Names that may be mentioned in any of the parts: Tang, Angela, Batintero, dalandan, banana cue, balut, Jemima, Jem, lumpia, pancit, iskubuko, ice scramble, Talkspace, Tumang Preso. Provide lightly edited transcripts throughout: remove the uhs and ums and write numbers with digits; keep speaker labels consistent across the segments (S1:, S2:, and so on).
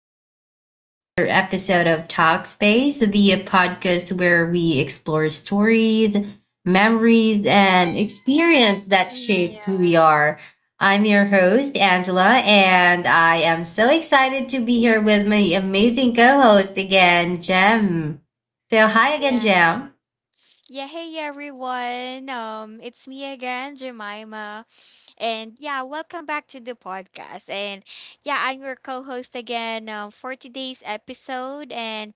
S1: back again to another episode of Talkspace, the podcast where we explore stories, memories, and experience that
S2: Mm,
S1: shapes who we
S2: yeah.
S1: are. I'm your host, Angela, and I am so excited to be here with my amazing co host again, Jem. So, hi again,
S2: Yeah.
S1: Jem.
S2: Yeah, hey everyone. It's me again, Jemima. And yeah, welcome back to the podcast. And yeah, I'm your co-host again for today's episode. And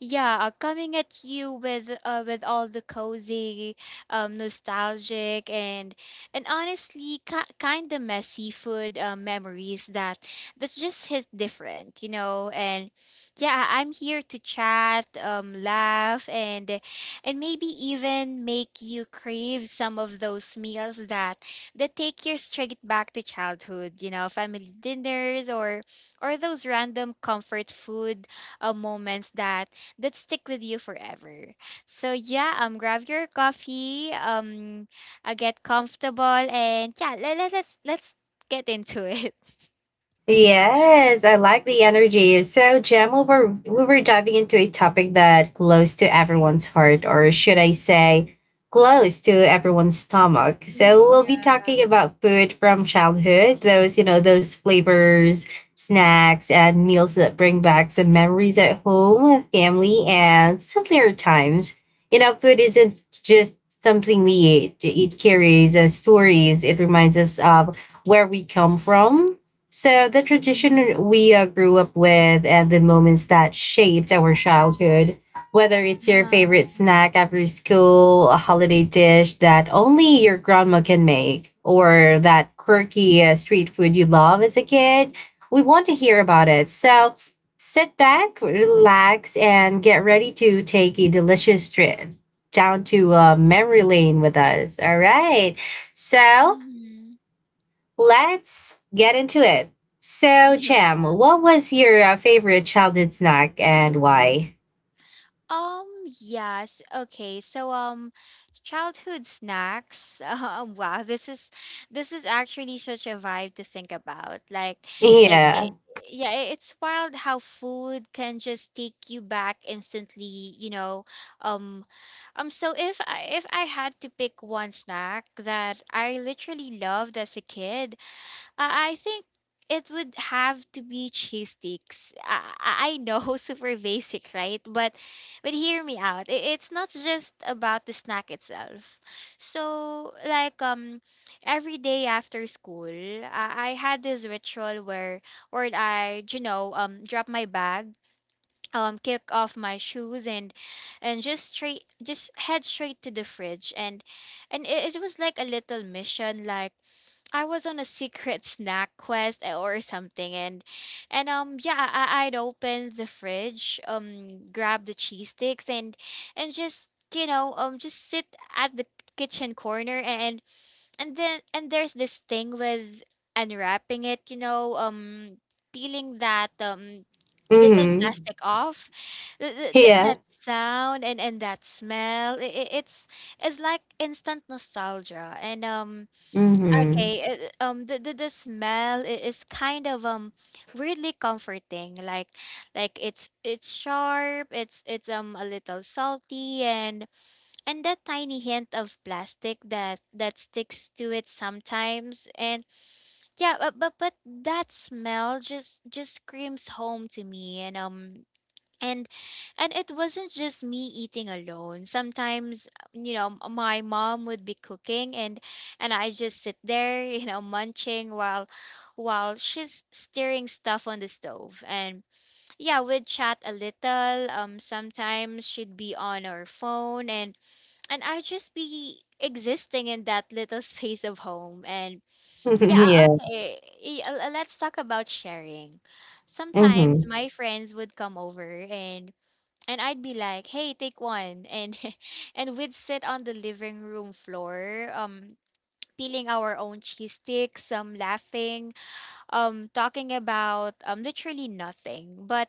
S2: yeah, coming at you with all the cozy, nostalgic and honestly kind of messy food memories that's just hit different, you know. And yeah, I'm here to chat, laugh, and maybe even make you crave some of those meals that take you straight back to childhood. You know, family dinners or those random comfort food moments that stick with you forever. So yeah, grab your coffee, get comfortable and yeah, let's get into it.
S1: Yes, I like the energy. So, Jem, we were diving into a topic that close to everyone's heart, or should I say, close to everyone's stomach. So,
S2: Hmm.
S1: we'll be talking
S2: Yeah.
S1: about food from childhood. Those those flavors, snacks, and meals that bring back some memories at home, family, and simpler times. You know, food isn't just something we eat. It carries stories. It reminds us of where we come from, so the
S2: Mm-hmm.
S1: tradition we grew up with and the moments that shaped our childhood, whether it's your
S2: Uh-huh.
S1: favorite snack after school, a holiday dish that only your grandma can make, or that quirky street food you love as a kid, we want to hear about it. So sit back, relax, and get ready to take a delicious trip down to memory lane with us. All right. So
S2: Hmm.
S1: let's get into it. So, Jam,
S2: Yeah.
S1: what was your favorite childhood snack and why?
S2: Um, yes. Okay. So, childhood snacks. Wow, this is actually such a vibe to think about. Like, like it,
S1: Yeah.
S2: yeah, it's wild how food can just take you back instantly, you know. Um, so if I had to pick one snack that I literally loved as a kid, I think it would have to be cheese sticks. I know, super basic, right? But hear me out. It's not just about the snack itself. So like, every day after school, I had this ritual where I, you know, drop my bag, kick off my shoes and just straight just head straight to the fridge. And it was like a little mission, like I was on a secret snack quest, or something. And yeah, I'd open the fridge, grab the cheese sticks and just, you know, just sit at the kitchen corner. And and then and there's this thing with unwrapping it, you know, peeling that little
S1: Mm-hmm.
S2: plastic off. That
S1: Yeah.
S2: sound and that smell, it's it's like instant nostalgia. And
S1: Mm-hmm.
S2: Okay, the smell is kind of weirdly comforting. Like, it's sharp. It's a little salty, and that tiny hint of plastic that sticks to it sometimes. And yeah, but that smell just screams home to me. And and it wasn't just me eating alone. Sometimes, you know, my mom would be cooking and I just sit there, you know, munching while she's stirring stuff on the stove, and yeah, we'd chat a little. Sometimes she'd be on her phone and I'd just be existing in that little space of home and yeah
S1: yeah.
S2: Okay, let's talk about sharing. Sometimes
S1: Mm-hmm.
S2: my friends would come over and I'd be like, "Hey, take one," and and we'd sit on the living room floor, peeling our own cheese sticks, some laughing, talking about literally nothing, but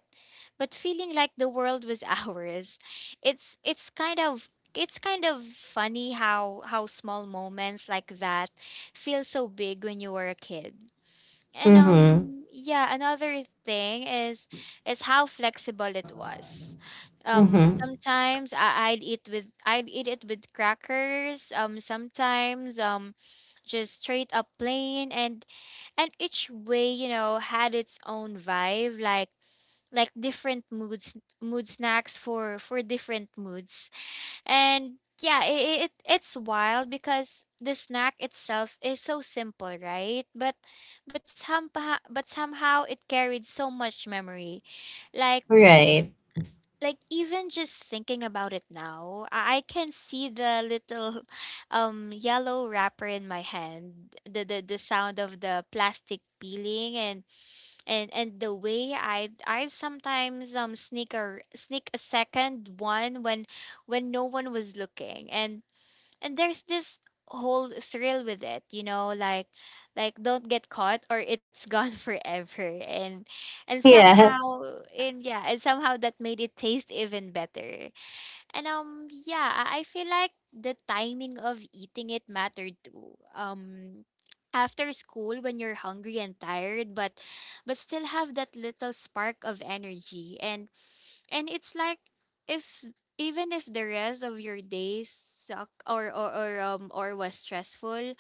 S2: but feeling like the world was ours. It's it's kind of it's kind of funny how small moments like that feel so big when you were a kid. And
S1: Mm-hmm.
S2: um yeah, another thing is how flexible it was.
S1: Mm-hmm.
S2: Sometimes, I'd eat it with crackers, sometimes just straight up plain, and each way, you know, had its own vibe, like different moods mood snacks for different moods. And yeah, it's wild because the snack itself is so simple, right? But somehow it carried so much memory. Like
S1: Right.
S2: like even just thinking about it now, I can see the little yellow wrapper in my hand, the sound of the plastic peeling, and the way I sometimes sneak a second one when no one was looking. And there's this whole thrill with it, you know, like don't get caught or it's gone forever. and and somehow
S1: Yeah.
S2: and yeah, and somehow that made it taste even better. And yeah, I feel like the timing of eating it mattered too. After school when you're hungry and tired, but still have that little spark of energy. And it's like, if even if the rest of your days suck, or was stressful,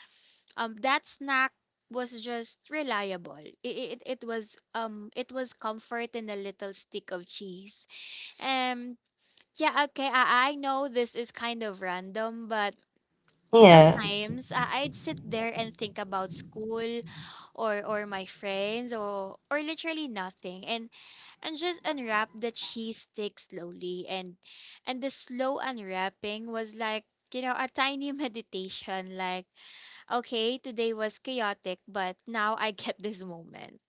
S2: that snack was just reliable. It was comfort in a little stick of cheese. um yeah, okay. I know this is kind of random, but
S1: Yeah.
S2: sometimes I'd sit there and think about school, or my friends, or literally nothing, and just unwrap the cheese stick slowly. And the slow unwrapping was like, you know, a tiny meditation, like, okay, today was chaotic but now I get this moment.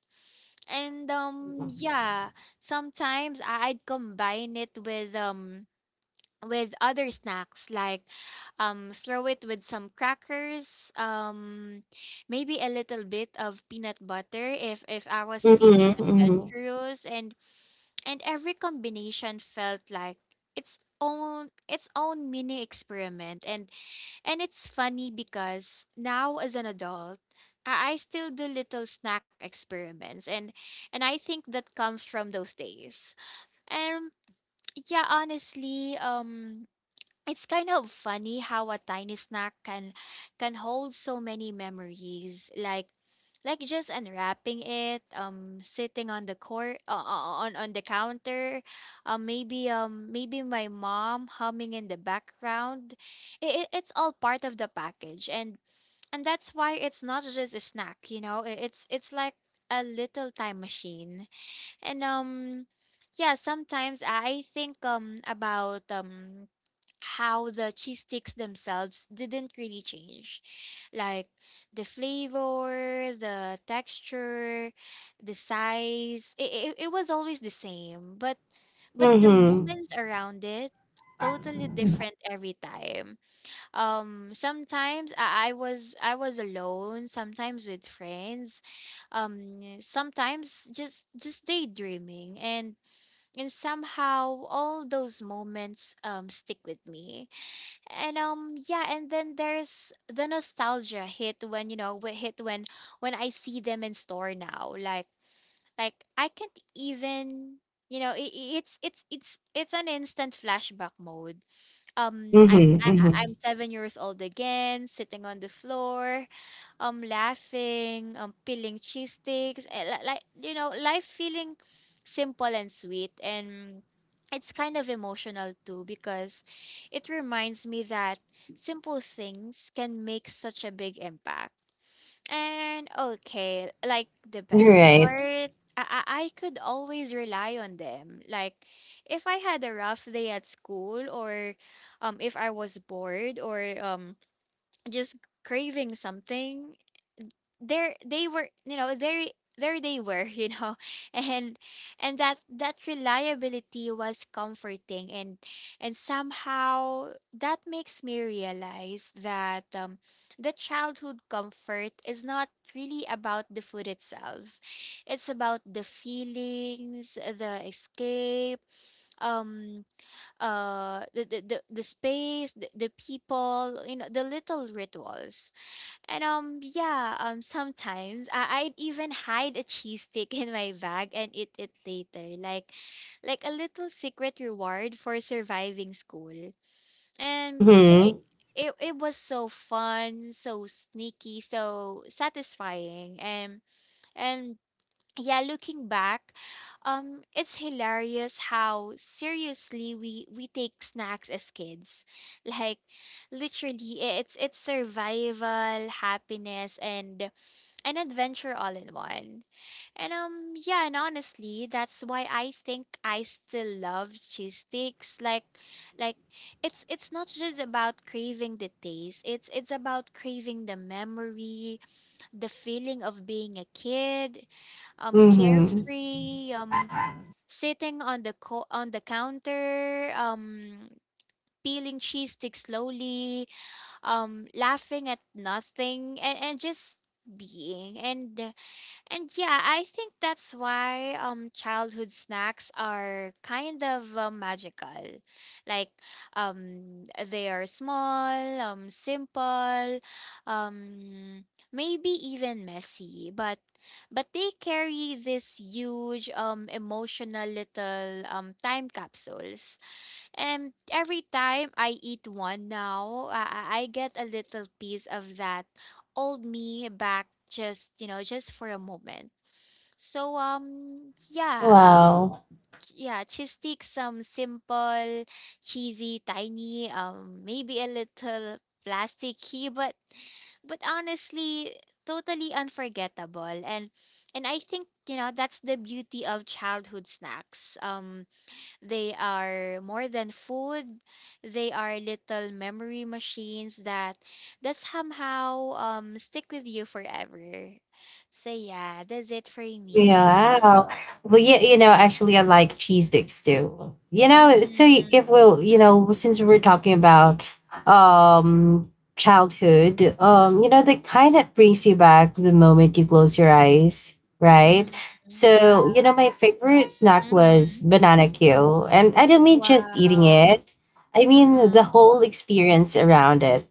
S2: And yeah, sometimes I'd combine it with other snacks, like, throw it with some crackers, um maybe a little bit of peanut butter if I was feeling
S1: Mm-hmm. Mm-hmm.
S2: adventurous, and every combination felt like its own mini experiment. And it's funny because now as an adult, I still do little snack experiments, and I think that comes from those days. And yeah, honestly, it's kind of funny how a tiny snack can hold so many memories. Like just unwrapping it, sitting on the counter, maybe my mom humming in the background. It's all part of the package, and that's why it's not just a snack. You know, it's like a little time machine, and. Yeah, sometimes I think about how the cheese sticks themselves didn't really change. Like, the flavor, the texture, the size, it was always the same. But the
S1: Mm-hmm.
S2: moments around it, totally different every time. Sometimes, I was alone, sometimes with friends, sometimes just daydreaming, and somehow all those moments stick with me. And yeah, and then there's the nostalgia hit when, you know, wh- hit when I see them in store now, like I can't even, you know. It, it's it's it's it's an instant flashback mode. um i'm
S1: Mm-hmm.
S2: I, I'm
S1: Mm-hmm.
S2: 7 years old again, sitting on the floor, laughing, peeling cheese sticks, and like, you know, life feeling simple and sweet. And it's kind of emotional too because it reminds me that simple things can make such a big impact. And okay, like the best
S1: Right.
S2: part, I could always rely on them. Like, if I had a rough day at school, or if I was bored, or just craving something, there they were, you know, there they were, you know. And and that reliability was comforting, and somehow that makes me realize that the childhood comfort is not really about the food itself. It's about the feelings, the escape, um the space, the people, you know, the little rituals. And yeah, sometimes I'd even hide a cheese stick in my bag and eat it later. Like a little secret reward for surviving school. And yeah, it,
S1: Mm-hmm.
S2: it, it was so fun, so sneaky, so satisfying. And yeah, looking back, it's hilarious how seriously we take snacks as kids. Like, literally, it's survival, happiness, and an adventure all in one. And yeah, and honestly, that's why I think I still love cheese sticks. Like, like it's not just about craving the taste. It's about craving the memory, the feeling of being a kid,
S1: Mm-hmm.
S2: carefree, sitting on the counter, peeling cheese sticks slowly, laughing at nothing, and just being. And yeah, I think that's why childhood snacks are kind of magical. Like, they are small, simple, um maybe even messy, but they carry this huge emotional little time capsules, and every time I eat one now, I get a little piece of that old me back, just, you know, just for a moment. So yeah,
S1: Wow.
S2: yeah, cheese stick some simple, cheesy, tiny, maybe a little plasticky, but honestly totally unforgettable, and I think, you know, that's the beauty of childhood snacks. They are more than food. They are little memory machines that somehow stick with you forever. So yeah, that's it for me.
S1: Yeah, wow. Well, yeah, you know, actually, I like cheese sticks too. You know, so y-
S2: Mm-hmm.
S1: if we'll, you know, since we're talking about um childhood, you know, that kind of brings you back the moment you close your eyes, right?
S2: Mm-hmm. Yeah.
S1: So, you know, my favorite snack was
S2: Mm-hmm.
S1: banana cue, and I don't mean just eating
S2: Wow.
S1: it. I mean the
S2: Mm-hmm.
S1: whole experience around it.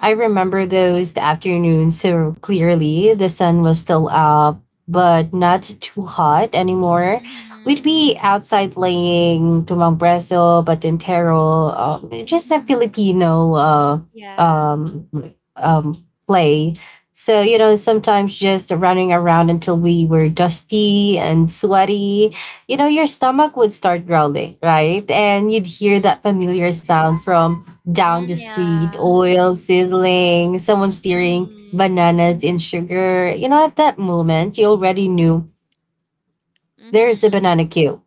S1: I
S2: Mm-hmm.
S1: remember those afternoons so clearly. The sun was still up, but not too hot anymore. We'd
S2: Mm-hmm.
S1: be outside playing Tumang Preso, Batintero, just a
S2: Mm-hmm.
S1: Filipino
S2: Yeah.
S1: um, play. So, you know, sometimes just running around until we were dusty and sweaty, you know, your stomach would start growling, right? And you'd hear
S2: Mm-hmm.
S1: that familiar sound from down
S2: Mm,
S1: the street,
S2: yeah.
S1: oil sizzling, someone stirring
S2: Mm-hmm.
S1: bananas in sugar. You know, at that moment, you already knew there is a
S2: Mm-hmm.
S1: banana queue.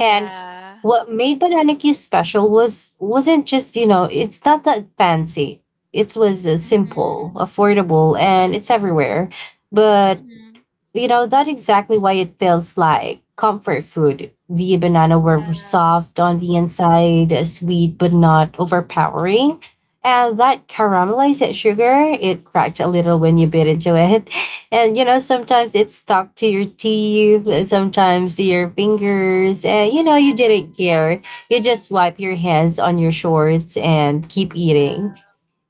S1: And what made banana queue special was wasn't just you know it's not that fancy. It was simple, affordable, and it's everywhere. But
S2: Mm-hmm.
S1: you know, that's exactly why it feels like comfort food. The banana were
S2: Yeah.
S1: soft on the inside, sweet but not overpowering. And that caramelized sugar, it cracked a little when you bit into it. And you know, sometimes it stuck to your teeth, sometimes to your fingers. And you know, you didn't care. You just wipe your hands on your shorts and keep
S2: Yeah.
S1: eating.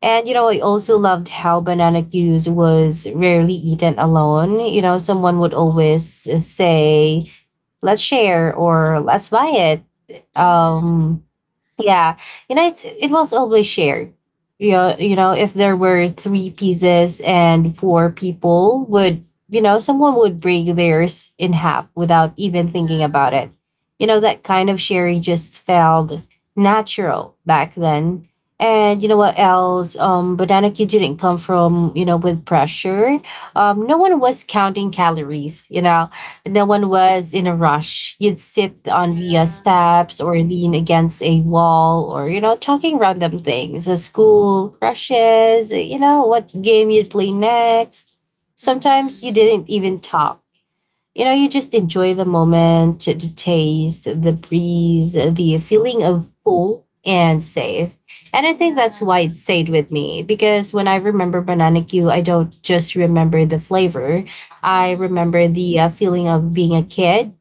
S1: And you know, I also loved how banana goose was rarely eaten alone. You know, someone would always say, "Let's share," or, "Let's buy it."
S2: Mm-hmm.
S1: Yeah, you know, it's it was always shared. You know, if there were three pieces and four people would, you know, someone would break theirs in half without even
S2: Yeah.
S1: thinking about it. You know, that kind of sharing just felt natural back then.
S2: Mm-hmm.
S1: And you know what else? Banana Q didn't come from you know with pressure. No one was counting calories. You know, no one was in a rush. You'd sit on the
S2: Yeah.
S1: steps or lean against a wall or, you know, talking random things, school crushes, you know, what game you'd play next. Sometimes you
S2: Mm-hmm.
S1: didn't even talk, you know, you just enjoy the moment, the taste, the breeze, the feeling of full and safe. And I think that's why
S2: Yeah.
S1: it stayed with me because when I remember banana Q, I don't just remember the flavor. I
S2: Mm-hmm.
S1: remember the feeling of being a kid,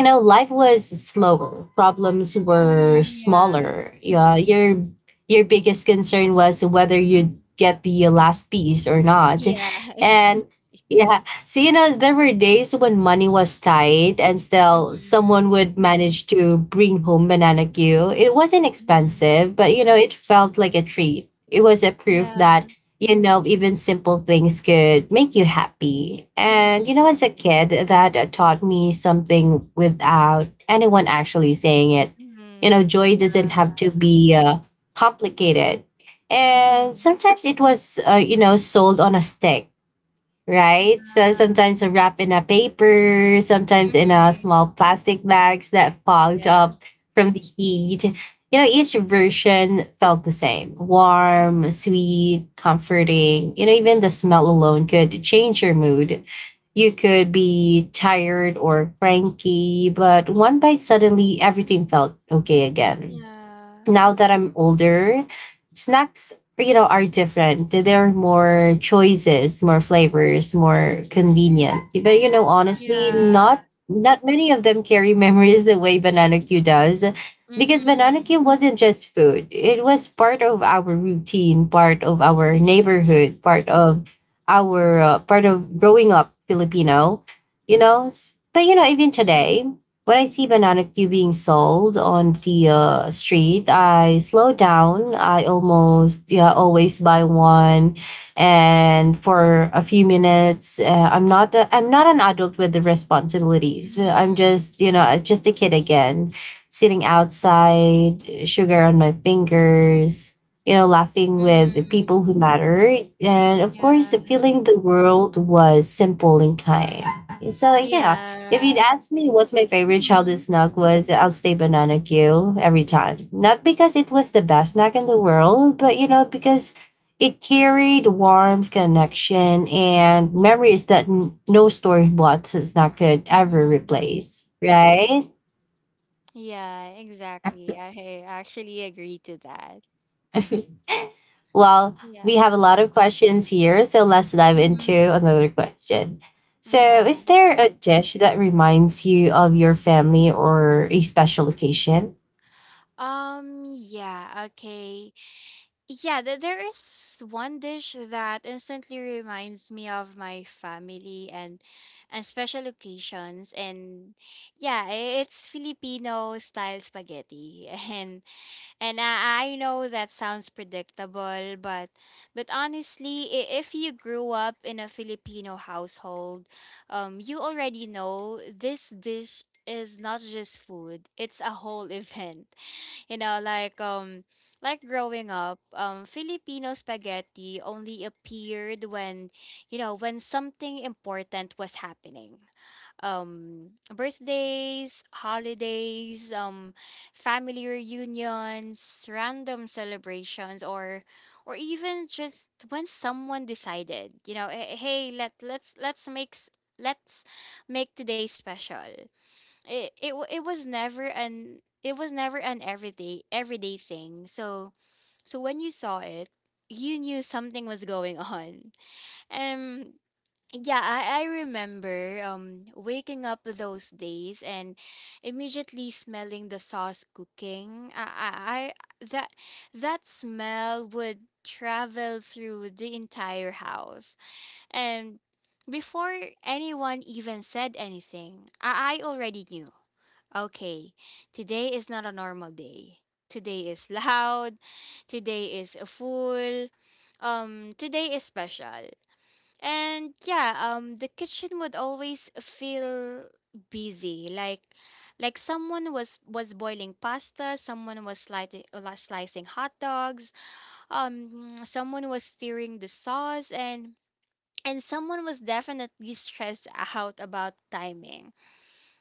S1: you know, life was slower. Problems were
S2: Mm-hmm. Yeah.
S1: smaller. Yeah, your biggest concern was whether you'd get the last piece or not.
S2: Yeah.
S1: And
S2: Exactly.
S1: yeah, so you know, there were days when money was tight and still
S2: Mm-hmm.
S1: someone would manage to bring home banana Q. It wasn't
S2: Mm-hmm.
S1: expensive, but you know, it felt like a treat. It was a proof that
S2: Yeah.
S1: you know, even simple things could make you happy.
S2: Mm-hmm.
S1: And, you know, as a kid, that taught me something without anyone actually saying it. You know,
S2: Mm-hmm.
S1: joy doesn't
S2: Yeah.
S1: have to be complicated. And sometimes it was, you know, sold on a stick, right? So sometimes wrapped in a paper, sometimes in a
S2: Mm-hmm.
S1: small plastic bags that fogged
S2: Yeah.
S1: up from the heat. You know, each version felt the same
S2: Mm-hmm. Yeah.
S1: warm,
S2: Mm-hmm.
S1: sweet, comforting. You know, even the smell alone could change your mood. You could be tired or cranky, but one bite suddenly everything felt okay again.
S2: Yeah.
S1: Now that I'm older, snacks, you know, are different. There are more choices, more flavors, more convenient. But you know, honestly,
S2: Yeah.
S1: not many of them carry memories the way banana Q does. Because banana
S2: Mm-hmm.
S1: Q wasn't just food. It was part of our routine, part of our
S2: Mm-hmm.
S1: neighborhood, part of our part of growing up Filipino, you know. S- But you know, even
S2: Mm-hmm.
S1: today, when I see banana Q being sold on the street, I slow down. I almost yeah always buy one, and for a few minutes, I'm not an adult with the responsibilities. I'm
S2: Mm-hmm.
S1: just you know just a kid again, sitting outside, sugar on my fingers, you know, laughing with the
S2: Mm-hmm.
S1: people who matter, and of
S2: Yeah.
S1: course, feeling the world was simple and kind. So yeah, if
S2: Yeah.
S1: you'd ask me what's my favorite childhood
S2: Mm-hmm.
S1: snack was, I'll say banana Q every time. Not because it was the best snack in the world, but you know, because it carried warmth, connection, and memories that n- no store bought snack could ever
S2: Mm-hmm.
S1: replace. Right?
S2: Yeah, exactly. I actually agree to that.
S1: Well,
S2: Yeah.
S1: we have a lot of questions here, so let's dive into
S2: Mhm.
S1: another question.
S2: Mm,
S1: So,
S2: yeah.
S1: is there a dish that reminds you of your family or a special occasion?
S2: Yeah, okay. Yeah, th there is one dish that instantly reminds me of my family and special occasions. And yeah, it's Filipino style spaghetti. And. And I know that sounds predictable, but honestly, if you grew up in a Filipino household, you already know this dish is not just food; it's a whole event, you know, like like growing up, Filipino spaghetti only appeared when, you know, when something important was happening. Birthdays, holidays, family reunions, random celebrations, or even just when someone decided, you know, "Eh, hey, let's let's make today special." It was never an everyday thing. So so when you saw it, you knew something was going on. Um yeah, I remember waking up those days and immediately smelling the sauce cooking. I that That smell would travel through the entire house, and before anyone even said anything, I already knew. Okay, today is not a normal day. Today is loud. Today is full. Today is special. And yeah, the kitchen would always feel busy. Like someone was boiling pasta. Someone was slicing hot dogs. Someone was stirring the sauce, and someone was definitely stressed out about timing.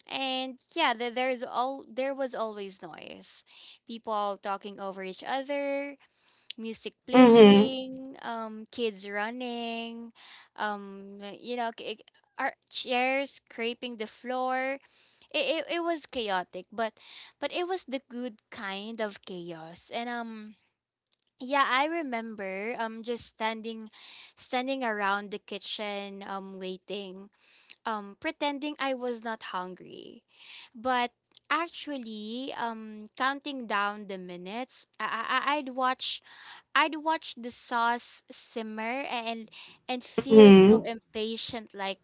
S2: And yeah, there is all there was always noise. People talking over each other, music
S1: Mhm,
S2: playing, kids running, um, you know, k- our chairs scraping the floor. It was chaotic, but it was the good kind of chaos. And yeah, I remember just standing around the kitchen waiting, pretending I was not hungry. But actually counting down the minutes. I'd watch the sauce simmer and feel so
S1: mhm.
S2: impatient,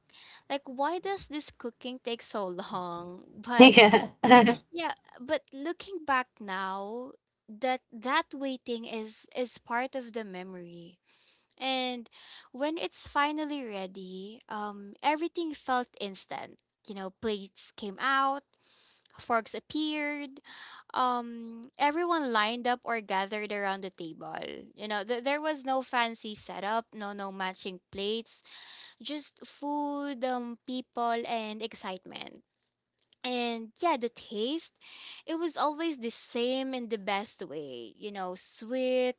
S2: like why does this cooking take so long? But
S1: Yeah.
S2: yeah, but looking back now, that waiting is part of the memory. And when it's finally ready, everything felt instant. You know, plates came out, forks appeared, everyone lined up or gathered around the table. You know, there was no fancy setup, no matching plates, just food, people, and excitement. And yeah, the taste, it was always the same in the best way. You know, sweet,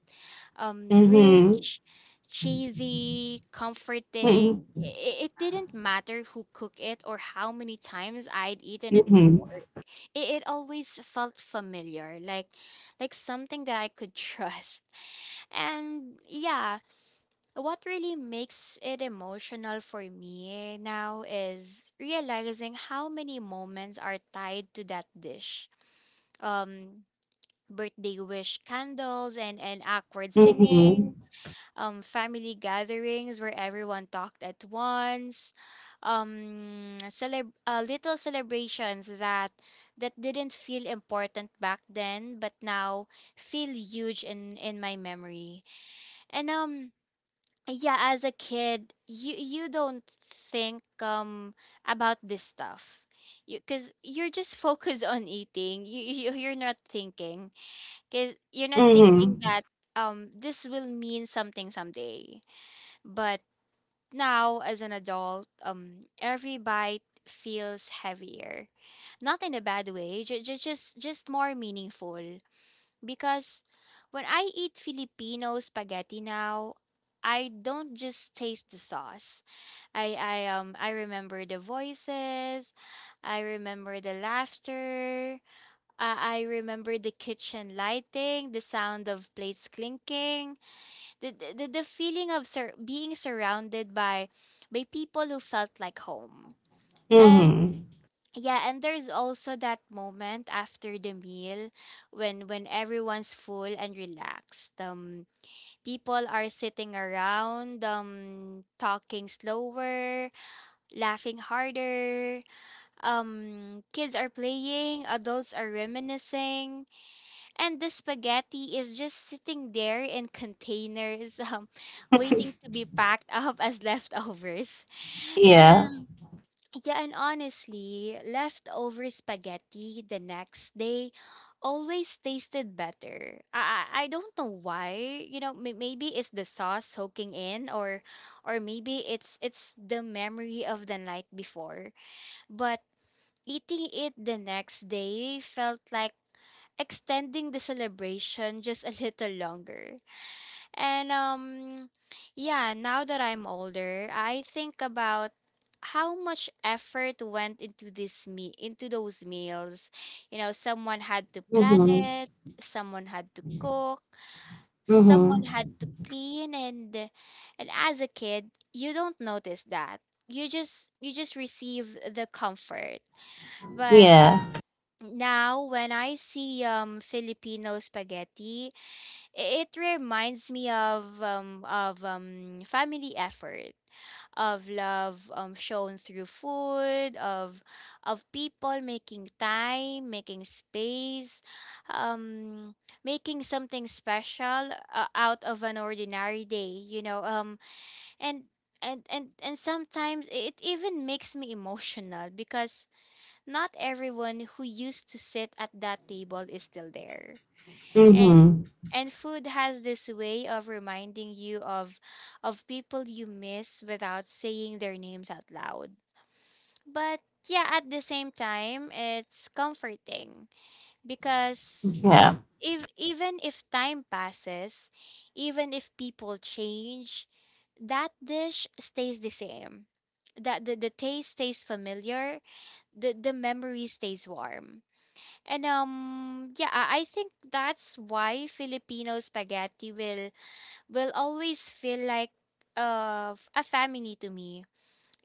S2: rich, cheesy, comforting.
S1: Mhm, mhm,
S2: It didn't matter who cooked it or how many times I'd eaten it
S1: mhm,
S2: before. It always felt familiar, like something that I could trust. And yeah, what really makes it emotional for me now is realizing how many moments are tied to that dish. Um, Birthday wish candles, and awkward
S1: mhm,
S2: singing, family gatherings where everyone talked at once, little celebrations that that didn't feel important back then but now feel huge in my memory. And yeah, as a kid you don't think about this stuff, you because you're just focused on eating. You're not thinking
S1: mhm,
S2: that this will mean something someday. But now, as an adult, every bite feels heavier, not in a bad way, just just more meaningful, because when I eat Filipino spaghetti now, I don't just taste the sauce. I remember the voices, I remember the laughter, I remember the kitchen lighting, the sound of plates clinking, the feeling of being surrounded by people who felt like home.
S1: mhm.
S2: Yeah, and there's also that moment after the meal when everyone's full and relaxed. People are sitting around, talking slower, laughing harder. Kids are playing, adults are reminiscing, and the spaghetti is just sitting there in containers, waiting to be packed up as leftovers.
S1: Yeah.
S2: Yeah, and honestly, leftover spaghetti the next day always tasted better. I don't know why. You know, maybe it's the sauce soaking in, or maybe it's the memory of the night before. But eating it the next day felt like extending the celebration just a little longer. And yeah, now that I'm older, I think about how much effort went into this me into those meals. You know, someone had to plan
S1: Mhm,
S2: it, someone had to cook, someone
S1: mhm.
S2: had to clean, and as a kid, you don't notice that. You just receive the comfort. But
S1: Yeah.
S2: now when I see Filipino spaghetti, it reminds me of family effort, of love shown through food, of people making time, making space, um making something special out of an ordinary day, you know. And and sometimes it even makes me emotional because not everyone who used to sit at that table is still there,
S1: Mhm.
S2: and food has this way of reminding you of people you miss without saying their names out loud. But yeah, at the same time, it's comforting because
S1: Yeah.
S2: if even if time passes, even if people change, that dish stays the same. That The taste stays familiar, the memory stays warm. And yeah, I think that's why Filipino spaghetti will always feel like a family to me,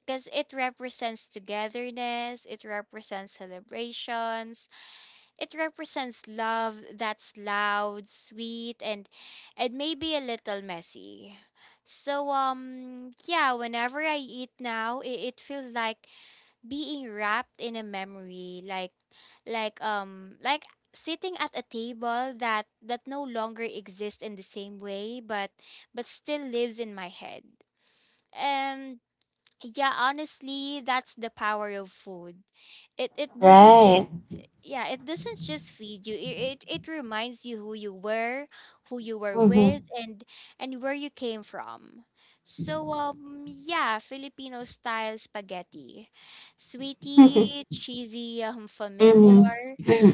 S2: because it represents togetherness, it represents celebrations, it represents love that's loud, sweet, and maybe a little messy. So yeah, whenever I eat now, it feels like being wrapped in a memory, like like sitting at a table that that no longer exists in the same way but still lives in my head. And yeah, honestly, that's the power of food. It doesn't just,
S1: Right.
S2: yeah, it doesn't just feed you. It reminds you who you were, who you were with,
S1: Mhm.
S2: and where you came from. So yeah, Filipino style spaghetti, sweetie, cheesy,
S1: Mhm.
S2: familiar,
S1: Mhm.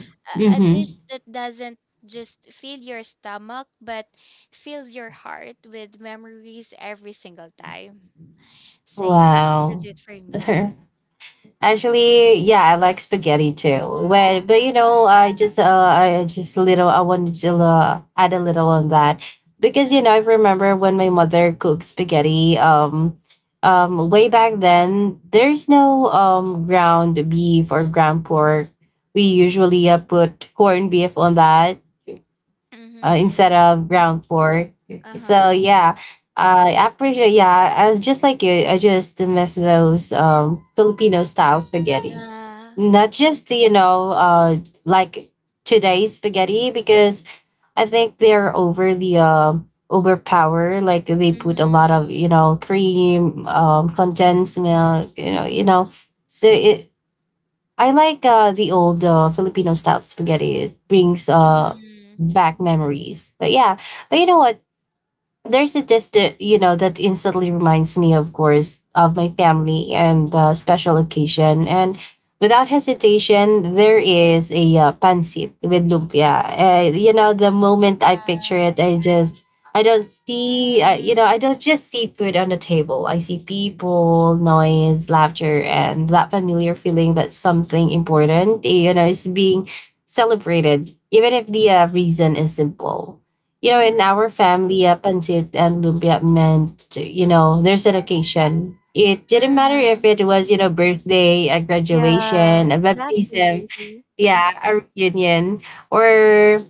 S2: a
S1: Mhm.
S2: dish that doesn't just fill your stomach but fills your heart with memories every single time. So yeah, that's
S1: Wow.
S2: it for me.
S1: Actually, yeah, I like spaghetti too. But you know,
S2: Mhm.
S1: I just little I wanted to add a little on that because you know I
S2: Uh-huh.
S1: remember when my mother cooked spaghetti. Way back then, there's no ground beef or ground pork. We usually put corned beef on that
S2: Mm-hmm.
S1: instead of ground floor. So
S2: Uh-huh.
S1: yeah, I appreciate. Yeah, I was just like you. I just miss those Filipino style spaghetti.
S2: Yeah.
S1: Not just you know like today's spaghetti because I think they're over the overpower. Like they put a lot of you
S2: Mhm.
S1: know cream, condensed milk. You know, you know. So it I like the old Filipino style spaghetti. It brings
S2: Mhm.
S1: back memories. But yeah, but you know what? There's a dish that you know that instantly reminds me of course of my family and the special occasion, and without hesitation there is a pancit with lumpia. You know the moment I picture
S2: Yeah.
S1: it I just I don't see you know
S2: Mhm.
S1: I don't just see food on the table, I see people, noise, laughter, and that familiar feeling that something important you know is being celebrated even if the reason is simple. You know, in our
S2: Mhm.
S1: family, pancit and lumpia meant, to, you know, there's an occasion. It didn't matter if
S2: Mhm.
S1: it was, you know, birthday, a graduation,
S2: Yeah,
S1: a baptism,
S2: exactly.
S1: yeah, a reunion, or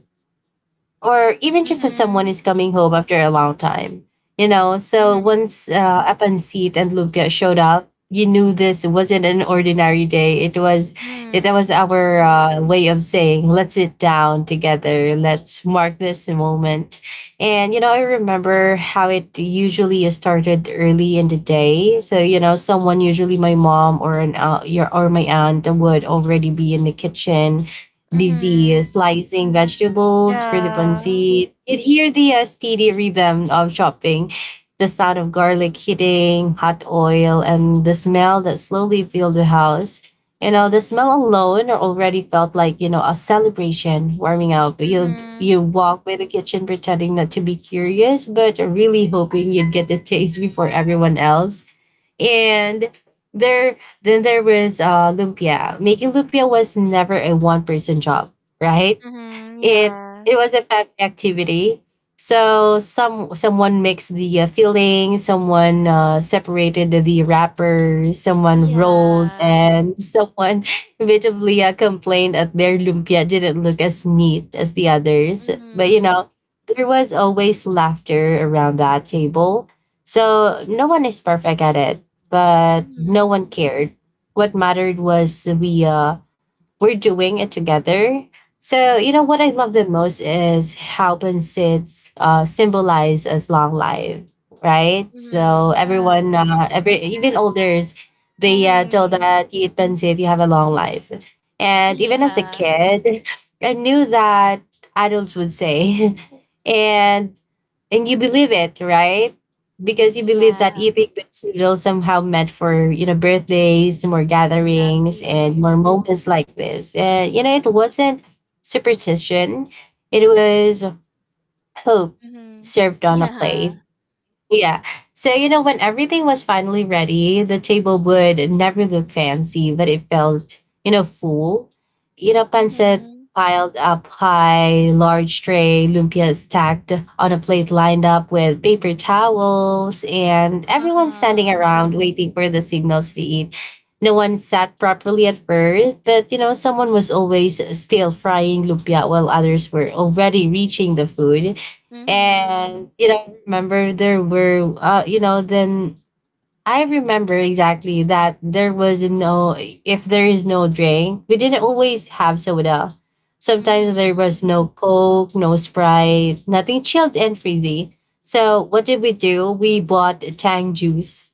S1: or even just that someone
S2: Mhm.
S1: is coming home after a long time. You know, so
S2: Mhm.
S1: once Apansit and Lumpia showed up, you knew this wasn't an ordinary day. That was
S2: Mhm.
S1: our way of saying, let's sit down together, let's mark this moment. And, you know, I remember how it usually started early in the day. So, you know, someone, usually my mom or an, your, or my aunt would already be in the kitchen busy
S2: Mhm.
S1: slicing vegetables for the
S2: Yeah.
S1: pancit. You'd hear the steady rhythm of chopping, the sound of garlic hitting hot oil, and the smell that slowly filled the house. You know, the smell alone already felt like, you know, a celebration warming up. You
S2: Mhm.
S1: you walk by the kitchen pretending not to be curious, but really hoping you'd get the taste before everyone else. And there then there was lumpia. Making lumpia was never a one person job, right?
S2: Mhm.
S1: it
S2: Yeah.
S1: it was a family activity. So someone mixed the filling, someone separated the wrapper, someone rolled,
S2: Yeah.
S1: and someone inevitably complained that their lumpia didn't look as neat as the others. But you
S2: Mhm.
S1: know, there was always laughter around that table. So no one is perfect at it, but no one
S2: Mhm.
S1: cared. What mattered was we're doing it together. So, you know, what I love
S2: Mhm.
S1: the most is how Pansits symbolize as long life, right?
S2: Mhm.
S1: So
S2: Yeah.
S1: everyone, every even elders, they told
S2: Mhm.
S1: that you eat Pansit, you have a long life. And even as a
S2: Yeah.
S1: kid, I knew that adults would say, and and you believe it, right? Because you believe that
S2: Yeah.
S1: eating those noodles somehow meant for you know birthdays, more gatherings, and
S2: Exactly.
S1: more moments like this. And it wasn't superstition, it was hope
S2: Mhm.
S1: served on a
S2: Yeah.
S1: plate, yeah. So, you know, when everything was finally ready, the table would never look fancy, but it felt, you know, full. You know, pancit
S2: Mhm.
S1: piled up high, large tray, lumpia stacked on a plate lined up with paper towels, and everyone standing
S2: Uh-huh.
S1: around waiting for the signals to eat. No one sat properly at first, but you know, someone was always still frying lumpia while others were already reaching the food. And
S2: Mhm.
S1: you know I remember there were you know then I remember exactly that there was no— if there is no drink, we didn't always have soda. Sometimes there
S2: Mhm.
S1: was no coke, no sprite, nothing chilled and frizzy, so what did we do? We bought tang juice,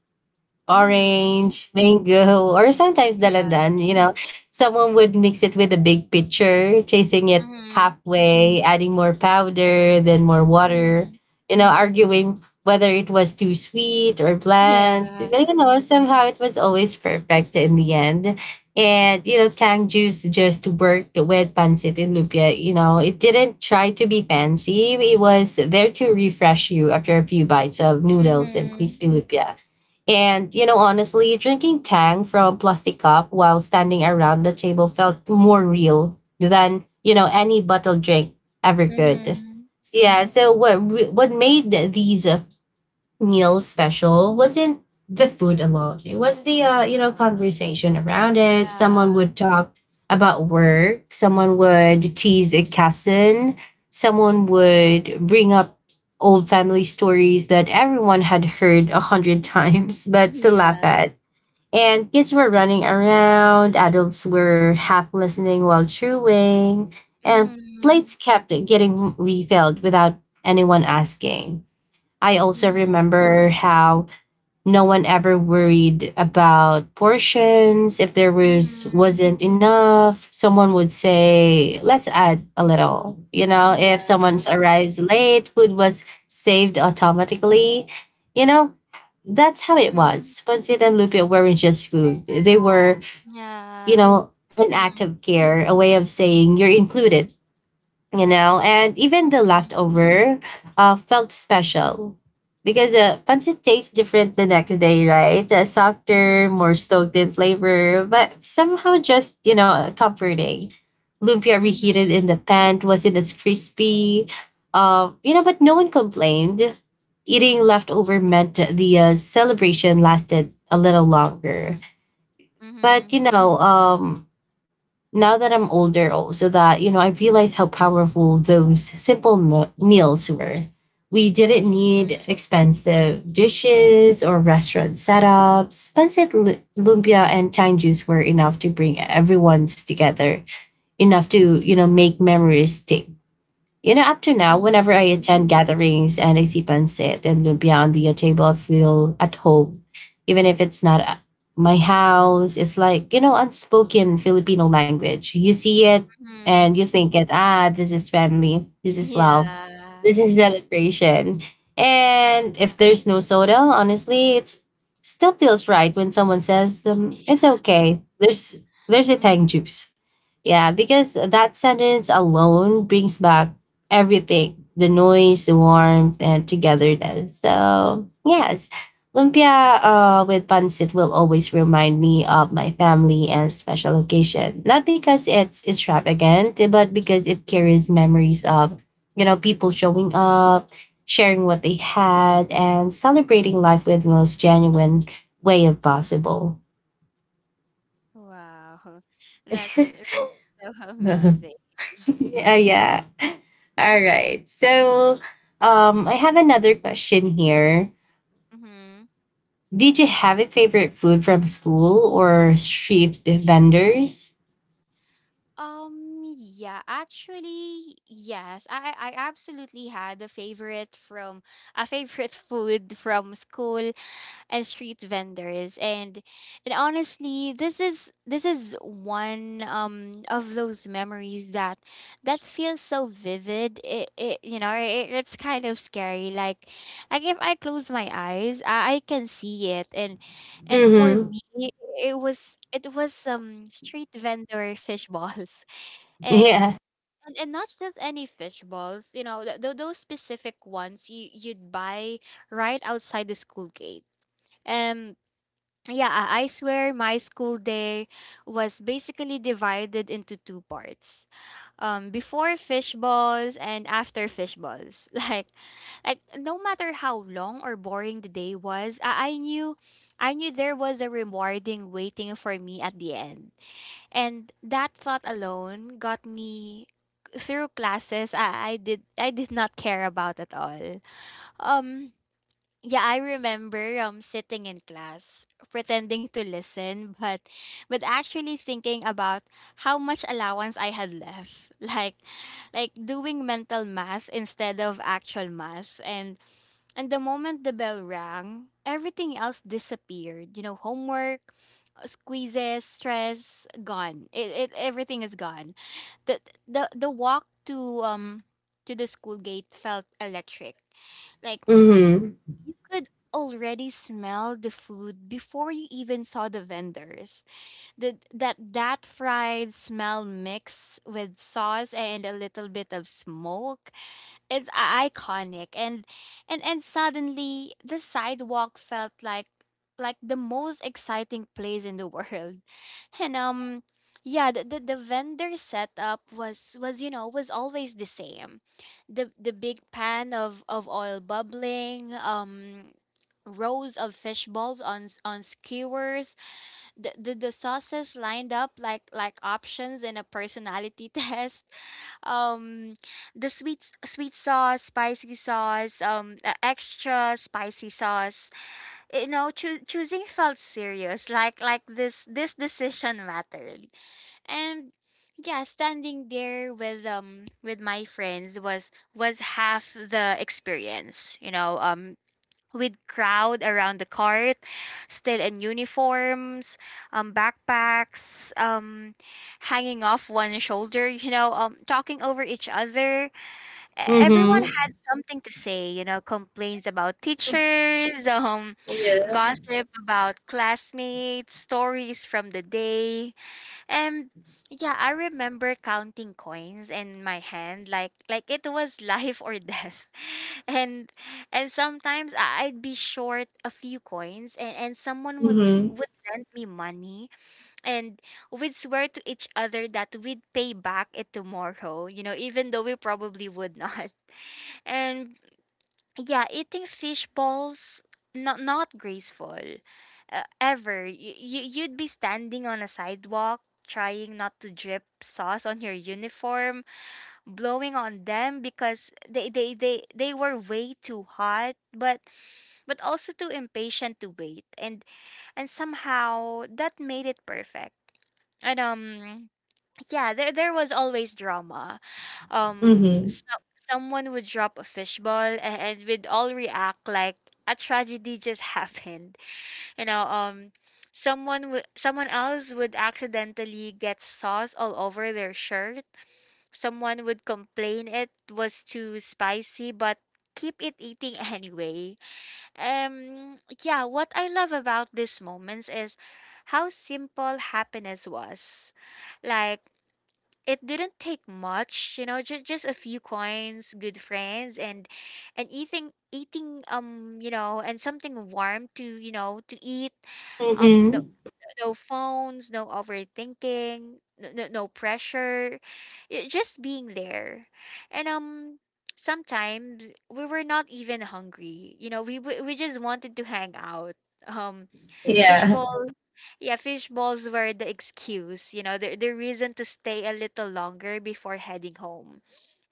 S2: Mhm.
S1: orange, mango, or sometimes dalandan,
S2: Yeah.
S1: you know. Someone would mix it with a big pitcher, chasing it
S2: Mhm.
S1: halfway, adding more powder, then more water,
S2: Mhm.
S1: you know, arguing whether it was too sweet or bland.
S2: Yeah.
S1: But you know, somehow it was always perfect in the end. And you know, tang juice just worked with pancit and lumpia. You know, it didn't try to be fancy. It was there to refresh you after a few bites of noodles and
S2: Mhm.
S1: crispy lumpia, and, you know, honestly, drinking Tang from a plastic cup while standing around the table felt more real than, you know, any bottled drink ever could.
S2: Mhm.
S1: So, yeah, so what made these meal special wasn't the food alone. It was the you know conversation around it. Someone
S2: Yeah.
S1: would talk about work. Someone would tease a cousin. Someone would bring up old family stories that everyone had heard a hundred times but still laugh
S2: Yeah.
S1: at. And kids were running around. Adults were half listening while chewing, and
S2: Mhm.
S1: plates kept getting refilled without anyone asking. I also
S2: Mhm.
S1: remember how no one ever worried about portions. If there was
S2: Mhm.
S1: wasn't enough, someone would say, "Let's add a little." You know, if someone
S2: Yeah.
S1: arrives late, food was saved automatically. You know, that's how it
S2: Mhm.
S1: was. Pancit and lumpia weren't just food; they were, you
S2: Yeah.
S1: know, an
S2: Mhm.
S1: act of care, a way of saying you're included. You know, and even the
S2: Mhm.
S1: leftover felt special because pancit tastes different the next day, right? Softer,
S2: Mhm.
S1: more stoked in flavor, but somehow just, you know, comforting. Lumpia reheated in the pan wasn't as crispy, you know, but no one complained. Eating leftover meant the celebration lasted a little longer.
S2: Mhm. Mhm.
S1: But, you know, now that I'm older, also so that you know, I realized how powerful those simple meals were. We didn't need expensive dishes or restaurant setups. Pancit lumpia and tang juice were enough to bring everyone's together, enough to you know make memories stick. You know, up to now,
S2: Mhm.
S1: whenever I attend gatherings and I see pancit and lumpia on the table, I feel at home. Even if it's not my house, it's like, you know, unspoken Filipino language. You see it and you
S2: Mhm.
S1: think it, ah, this is family, this is love,
S2: Yeah.
S1: this is celebration. And if there's no soda, honestly, it's still feels right when someone says, it's
S2: Yeah.
S1: okay. There's a tang
S2: Mhm.
S1: juice. Yeah, because that sentence alone brings back everything, the noise, the warmth, and togetherness. So, yes, lumpia with pancit will always remind me of my family and special occasion. Not because it's extravagant, but because it carries memories of, you know, people showing up, sharing what they had, and celebrating life with the most genuine way of possible.
S2: Wow, that's really so amazing.
S1: Yeah, yeah. All right. So I have another question here.
S2: Mm-hmm.
S1: Did you have a favorite food from school or street vendors?
S2: Yeah, actually, yes. I absolutely had a favorite from a favorite food from school and street vendors. And honestly, this is one of those memories that that feels so vivid, it you know, it's kind of scary. Like if I close my eyes, I can see it. And for
S1: Mm-hmm.
S2: me, it was street vendor fish balls, and
S1: Yeah.
S2: and not just any fish balls. You know, those specific ones you you'd buy right outside the school gate. um yeah, I swear my school day was basically divided into two parts. Before fish balls and after fish balls. Like no matter how long or boring the day was, I knew, I knew there was a rewarding waiting for me at the end, and that thought alone got me through classes I did not care about at all. Um, yeah, I remember sitting in class pretending to listen but actually thinking about how much allowance I had left. Like doing mental math instead of actual math. And the moment the bell rang, everything else disappeared. You know, homework, squeezes, stress, gone. It Everything is gone. The the walk to um to the school gate felt electric. Like
S1: Mm-hmm.
S2: you could already smell the food before you even saw the vendors. The, that That fried smell mixed with sauce and a little bit of smoke, it's iconic. And suddenly the sidewalk felt like the most exciting place in the world. And yeah, the vendor setup was you know was always the same. The big pan of oil bubbling, rows of fish balls on on skewers, the sauces lined up like options in a personality test um the sweet sauce, spicy sauce, extra spicy sauce. You know, choosing felt serious, like this decision mattered. And yeah, standing there with my friends was half the experience, you know. With crowd around the cart, still in uniforms, backpacks, hanging off one shoulder, you know, talking over each other. Everyone
S1: Mm-hmm.
S2: had something to say, you know, complaints about teachers,
S1: Yeah.
S2: gossip about classmates, stories from the day. And yeah, I remember counting coins in my hand like it was life or death. And sometimes I'd be short a few coins, and someone would
S1: Mm-hmm.
S2: would lend me money, and we'd swear to each other that we'd pay back it tomorrow, you know, even though we probably would not. And yeah, eating fish balls, not graceful, ever. You'd be standing on a sidewalk trying not to drip sauce on your uniform, blowing on them because they were way too hot, but also too impatient to wait. And somehow that made it perfect. And yeah, there was always drama. Um,
S1: Mm-hmm.
S2: so, someone would drop a fishball, and we'd all react like a tragedy just happened. You know, someone would, someone else would accidentally get sauce all over their shirt. Someone would complain it was too spicy, but keep it eating anyway. Yeah, what I love about these moments is how simple happiness was. Like it didn't take much, you know, just a few coins, good friends, and eating eating and something warm to, you know, to eat. No
S1: Mm-hmm.
S2: no phones, no overthinking, no pressure, just being there. And sometimes we were not even hungry, you know, we just wanted to hang out. um
S1: Yeah.
S2: Fishballs, yeah, fishballs were the excuse, you know, the reason to stay a little longer before heading home.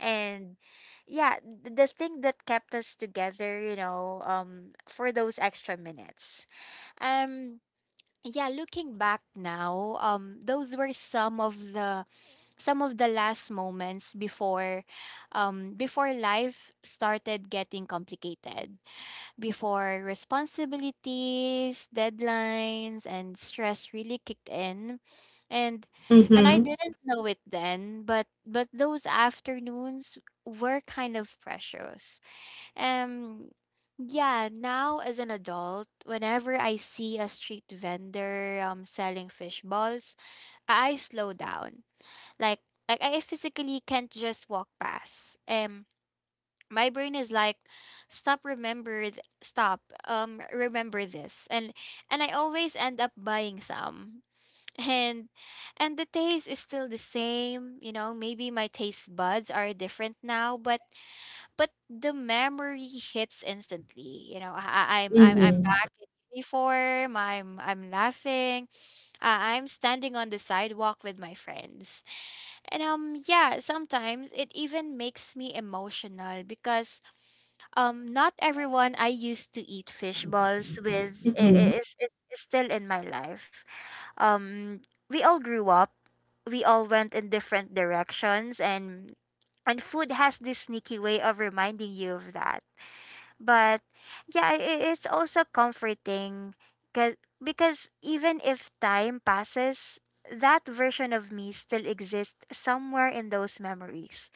S2: And yeah, the thing that kept us together, for those extra minutes. Um, yeah, looking back now, those were some of the last moments before, before life started getting complicated. Before responsibilities, deadlines, and stress really kicked in, and I
S1: Mm-hmm.
S2: didn't know it then, but those afternoons were kind of precious. Um yeah, now as an adult, whenever I see a street vendor selling fish balls, I slow down. Like like I physically can't just walk past. My brain is like, stop, remember th- stop remember this. And I always end up buying some. And the taste is still the same, you know, maybe my taste buds are different now, but the memory hits instantly. You know, I'm
S1: Mm-hmm.
S2: back in uniform, I'm laughing, I'm standing on the sidewalk with my friends. And yeah, sometimes it even makes me emotional because not everyone I used to eat fish balls with
S1: Mm-hmm.
S2: is still in my life. Um, we all grew up. We all went in different directions, and food has this sneaky way of reminding you of that. But yeah, it's also comforting, because even if time passes, that version of me still exists somewhere in those memories.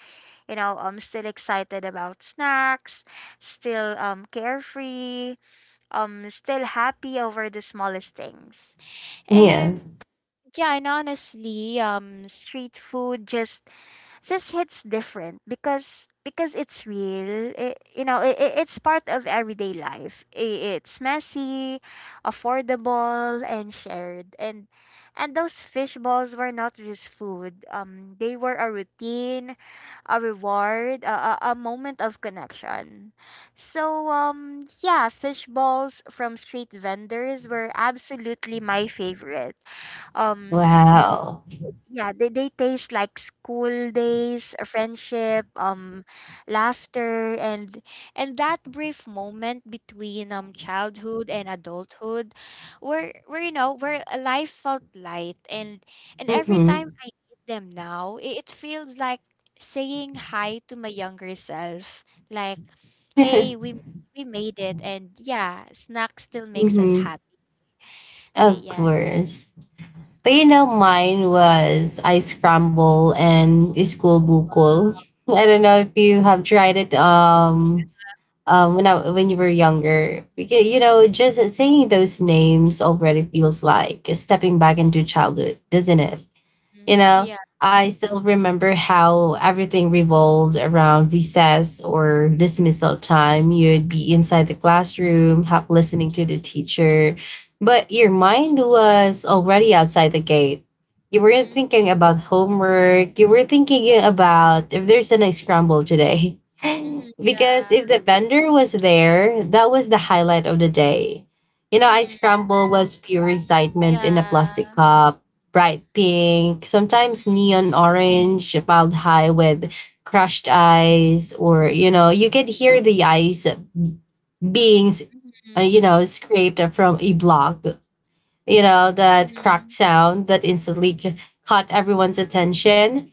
S2: You know, I'm still excited about snacks, still carefree, still happy over the smallest things.
S1: Yeah.
S2: And yeah, and honestly, street food just hits different because it's real. It, you know It, it's part of everyday life. It's messy, affordable and shared. And those fish balls were not just food, they were a routine, a reward, a moment of connection. So yeah, fish balls from street vendors were absolutely my favorite. um
S1: Wow.
S2: yeah, they taste like school days, friendship, laughter, and that brief moment between childhood and adulthood, where a life felt light, and every time
S1: Mm-hmm.
S2: I eat them now, it feels like saying hi to my younger self, like, hey, we made it. And yeah, snack still makes us
S1: Mm-hmm.
S2: happy. Say
S1: Of
S2: yeah.
S1: course. But you know, mine was ice crumble and school bukol. I don't know if you have tried it when you were younger. Because you know, just saying those names already feels like stepping back into childhood, doesn't it? You
S2: Mm-hmm,
S1: know,
S2: yeah.
S1: I still remember how everything revolved around recess or dismissal time. You'd be inside the classroom, help listening to the teacher, but your mind was already outside the gate. You weren't thinking about homework. You were thinking about if there's an scramble today.
S2: Mm-hmm, yeah.
S1: Because if the vendor was there, that was the highlight of the day. You know, ice
S2: Mhm.
S1: scramble was pure excitement in a
S2: Yeah.
S1: plastic cup, bright pink, sometimes
S2: Mhm.
S1: neon orange, piled high with crushed ice, or you know, you could hear the ice being,
S2: Mhm.
S1: you know, scraped from a block. You know that cracked
S2: Mhm.
S1: sound that instantly caught everyone's attention.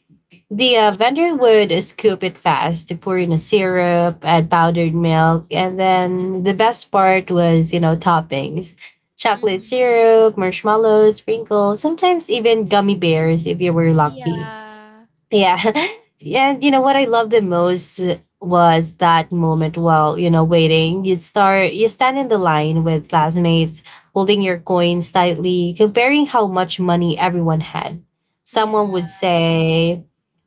S1: The
S2: Yeah.
S1: vendor would scoop it fast, pour in a syrup, add powdered milk, and then the best part was, you know, toppings. Chocolate
S2: Mhm.
S1: syrup, marshmallows, sprinkles, sometimes even gummy bears if you were lucky.
S2: Yeah.
S1: Yeah. And you know what I loved the most was that moment while, you know, waiting. You'd start you stand in the line with classmates, holding your coins tightly, comparing how much money everyone had. Someone
S2: Yeah.
S1: would say,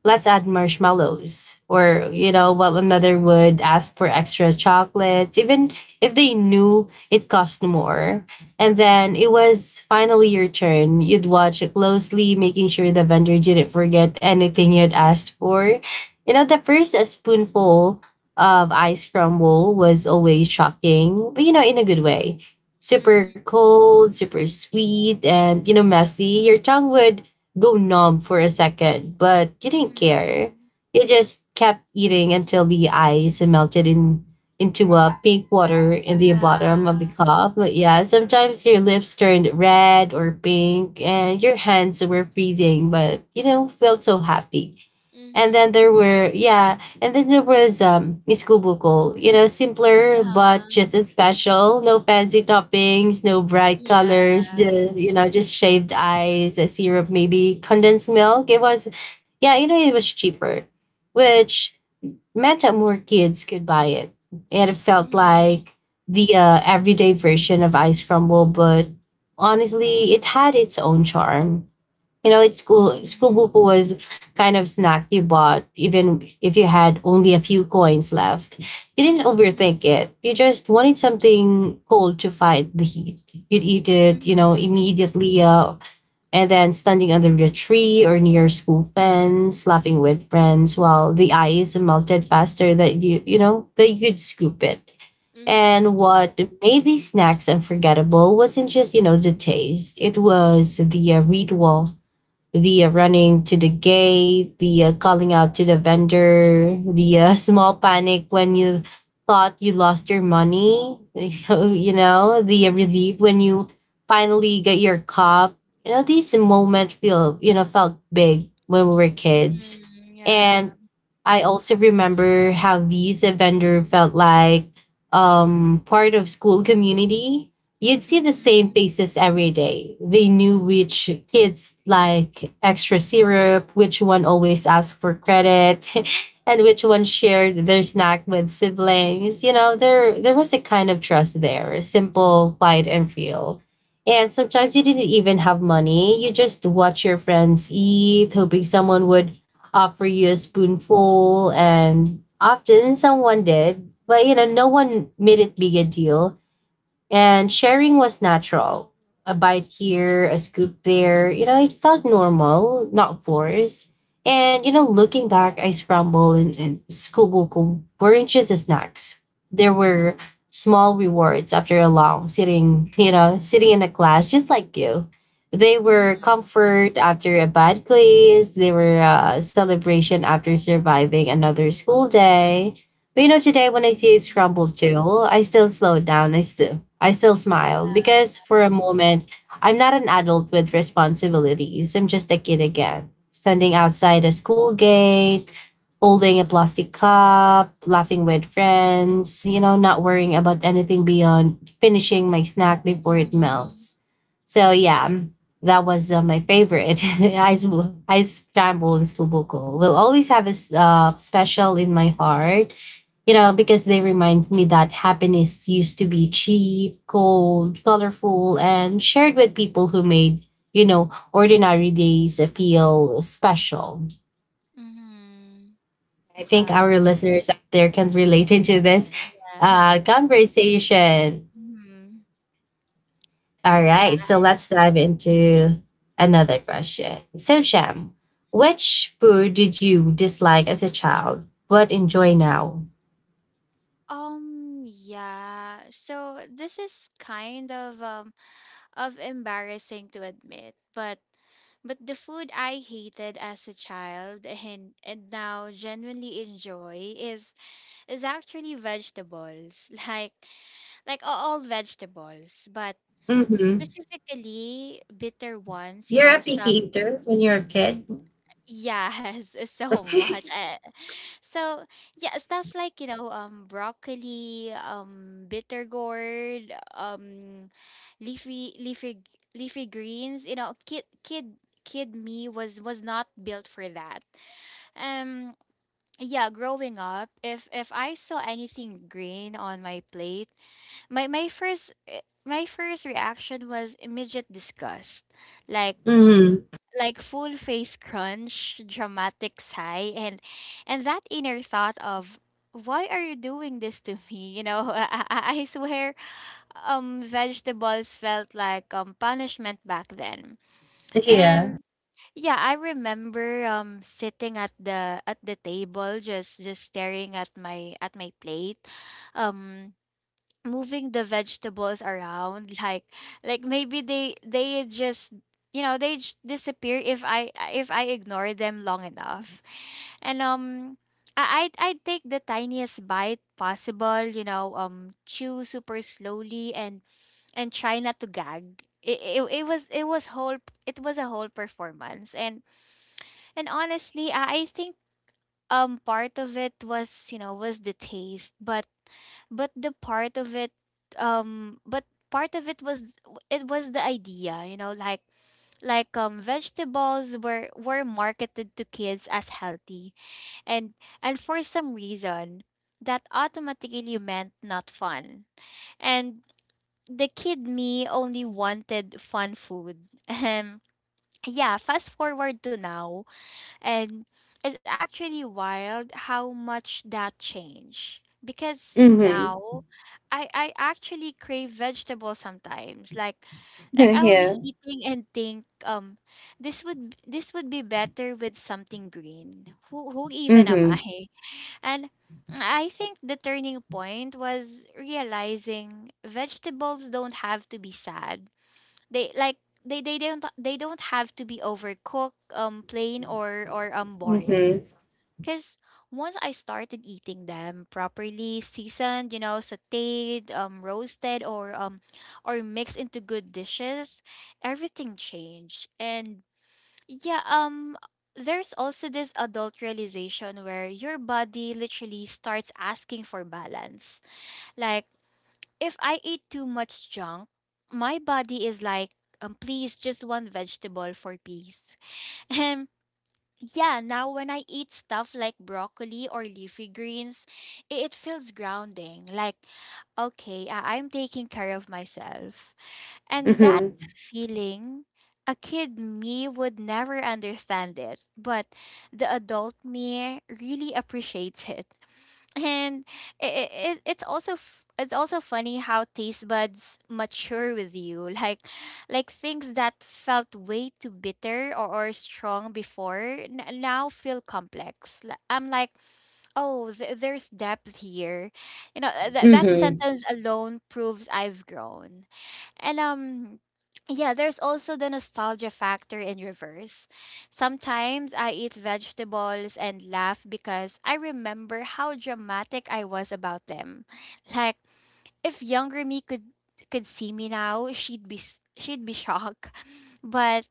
S1: "Let's add marshmallows." Or, you know, while another would ask for extra chocolates, even if they knew it cost more. And then it was finally your turn. You'd watch it closely, making sure the vendor didn't forget anything you'd asked for. You know, the first spoonful of ice crumble was always shocking, but you know, in a good way. Super
S2: Mhm.
S1: cold, super sweet, and you know, messy. Your tongue would go numb for a second, but you didn't care.
S2: Mhm.
S1: You just kept eating until the ice melted in into a pink water in the bottom
S2: Yeah.
S1: of the cup. But yeah, sometimes your lips turned red or pink and your hands were freezing, but you know, felt so happy. And
S2: Mhm.
S1: then there were, yeah, and then there was iskubuko, you know, simpler but
S2: Yeah.
S1: just as special. No fancy toppings, no bright colors,
S2: Yeah.
S1: just you know, just shaved ice, a syrup, maybe condensed milk. It was yeah, you know, it was cheaper, which meant that more kids could buy it. And it felt
S2: Mhm.
S1: like the everyday version of Ice Crumble, but honestly, it had its own charm. You know, it's school
S2: Mhm.
S1: buko was kind of snack you bought even if you had only a few coins left. You didn't
S2: Mhm.
S1: overthink it. You just wanted something cold to fight the heat. You'd eat it, you know,
S2: Mhm.
S1: immediately and then standing under a tree or near school fence, laughing with friends while the ice melted faster that you know that you could scoop it.
S2: Mhm.
S1: And what made these snacks unforgettable wasn't just you know the taste; it was the ritual, the running to the gate, the calling out to the vendor, the small panic when you thought you lost your money, you know, the
S2: Mhm.
S1: relief when you finally get your cup. You know, these moments feel, you know, felt big when we were kids.
S2: Mhm.
S1: And
S2: Yeah.
S1: I also remember how these vendor felt like part of school community. You'd see the same
S2: Mhm.
S1: faces every day. They knew which kids like extra syrup, which one always asked for credit, and which one shared their snack with siblings. You know, there was a kind of trust there, simple, quiet, and real. And sometimes you didn't even have money. You just watch your friends eat, hoping someone would offer you a spoonful. And often someone did, but you know, no one made it big a deal. And sharing was natural. A bite here, a scoop there. You know, it felt normal, not forced. And, you know, looking back, I scrambled and skubuku weren't just the snacks. There were small rewards after a long sitting, you know, sitting in a class, just like you. They were
S2: Mhm.
S1: comfort after a bad class. They were celebration after surviving another school day. But you know, today when I see a
S2: Mhm.
S1: scrambled jewel, I still slow down. I still smile because for a moment I'm not an adult with responsibilities. I'm just a kid again. Standing outside a school gate, holding a plastic cup, laughing with friends, you know, not worrying about anything beyond finishing my snack before it
S2: Mhm.
S1: melts. So yeah, that was my favorite. Ice scramble in Skubuko will always have a special in my heart, you know, because they remind me that happiness used to be cheap, cold, colorful, and shared with people who made, you know, ordinary days feel special.
S2: Mhm.
S1: I think our
S2: Wow.
S1: listeners out there can relate into this
S2: Yeah.
S1: conversation.
S2: Mhm.
S1: All
S2: Yeah.
S1: right, so let's dive into another question. So, Sham, which food did you dislike as a child but enjoy now?
S2: Yeah. So this is kind of embarrassing to admit, but the food I hated as a child and now genuinely enjoy is actually vegetables. Like a- all vegetables, but
S1: Mm-hmm.
S2: specifically bitter ones, you
S1: You're
S2: know,
S1: a
S2: stuff.
S1: picky eater when you're a kid.
S2: Yes, so much. Eh, so yeah, stuff like, you know, broccoli, bitter gourd, leafy leafy g- leafy greens, you know, kid me was not built for that. Um yeah, growing up, if I saw anything green on my plate, my first my first reaction was immediate disgust. Like
S1: Mhm.
S2: full face crunch, dramatic sigh, and that inner thought of, why are you doing this to me? You know, I swear, vegetables felt like punishment back then.
S1: Yeah.
S2: And yeah, I remember sitting at the table, just staring at my plate, um moving the vegetables around like maybe they just, you know, disappear if I ignore them long enough. And I I'd take the tiniest bite possible, you know, chew super slowly, and try not to gag. It was a whole performance. And honestly, I think part of it was, you know, was the taste, but the part of it but part of it was the idea. You know, like vegetables were marketed to kids as healthy, and for some reason that automatically meant not fun. And the kid me only wanted fun food. Yeah, fast forward to now, and it's actually wild how much that changed. Because
S1: Mhm.
S2: now I actually crave vegetables sometimes. Like I'll be
S1: Yeah.
S2: eating and think, this would, be better with something green. Who even am I?
S1: Mhm.
S2: And I think the turning point was realizing vegetables don't have to be sad. They like they don't have to be overcooked, plain, or boring.
S1: Mhm.
S2: Cause once I started eating them properly, seasoned, you know, sautéed, roasted, or mixed into good dishes, everything changed. And yeah, there's also this adult realization where your body literally starts asking for balance. Like if I eat too much junk, my body is like, please, just one vegetable for peace. And yeah, now when I eat stuff like broccoli or leafy greens, it feels grounding. Like, okay, I'm taking care of myself. And that
S1: Mhm.
S2: feeling, a kid me would never understand it, but the adult me really appreciates it. And it, it's also it's also funny how taste buds mature with you. Like things that felt way too bitter, or strong before, now feel complex. I'm like, oh, there's depth here. You know, that
S1: Mhm.
S2: sentence alone proves I've grown. And yeah, there's also the nostalgia factor in reverse. Sometimes I eat vegetables and laugh because I remember how dramatic I was about them. Like if younger me could see me now, she'd be shocked. But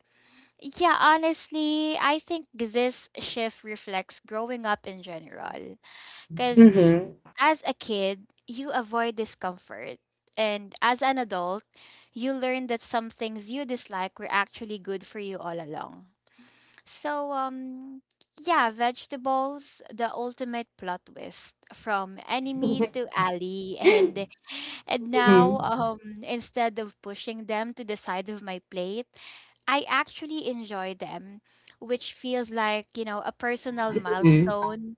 S2: yeah, honestly, I think this shift reflects growing up in general. Cuz
S1: Mhm.
S2: as a kid, you avoid discomfort. And as an adult, you learn that some things you dislike were actually good for you all along. So, yeah, vegetables, the ultimate plot twist from enemy to ally. And now,
S1: Mhm.
S2: instead of pushing them to the side of my plate, I actually enjoy them, which feels like, you know, a personal
S1: Mhm.
S2: milestone.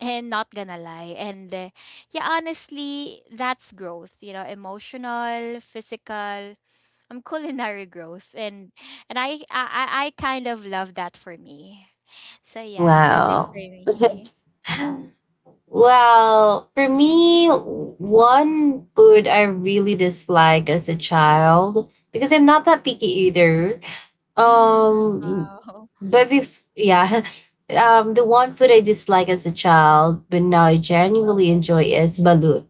S2: And not gonna lie, and yeah, honestly, that's growth, you know, emotional, physical, culinary growth. And I kind of love that for me. So yeah, that's it for
S1: Wow.
S2: me.
S1: Well, for me, one food I really dislike as a child, because I'm not that picky either.
S2: Mm,
S1: Um,
S2: wow.
S1: but if yeah, the one food I dislike as a child but now I genuinely enjoy is balut.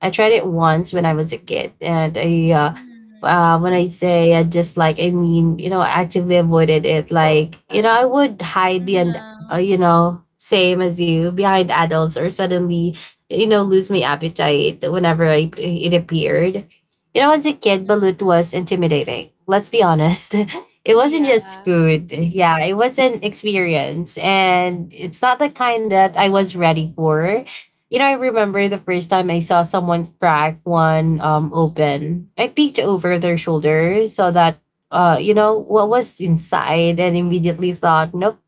S1: I tried it once when I was a kid, and I
S2: Mm,
S1: when I say I dislike, I mean, you know, actively avoided it. Like, you know, I would hide behind,
S2: yeah.
S1: you know, same as you, behind adults, or suddenly, you know, lose my appetite whenever I, it appeared. You know, as a kid, balut
S2: Yeah.
S1: was intimidating. Let's be honest. It wasn't just
S2: Yeah.
S1: food. Yeah, it was an experience. And it's not the kind that I was ready for. You know, I remember the first time I saw someone crack one open. I peeked over their shoulder so that, you know, what was inside, and immediately thought, nope,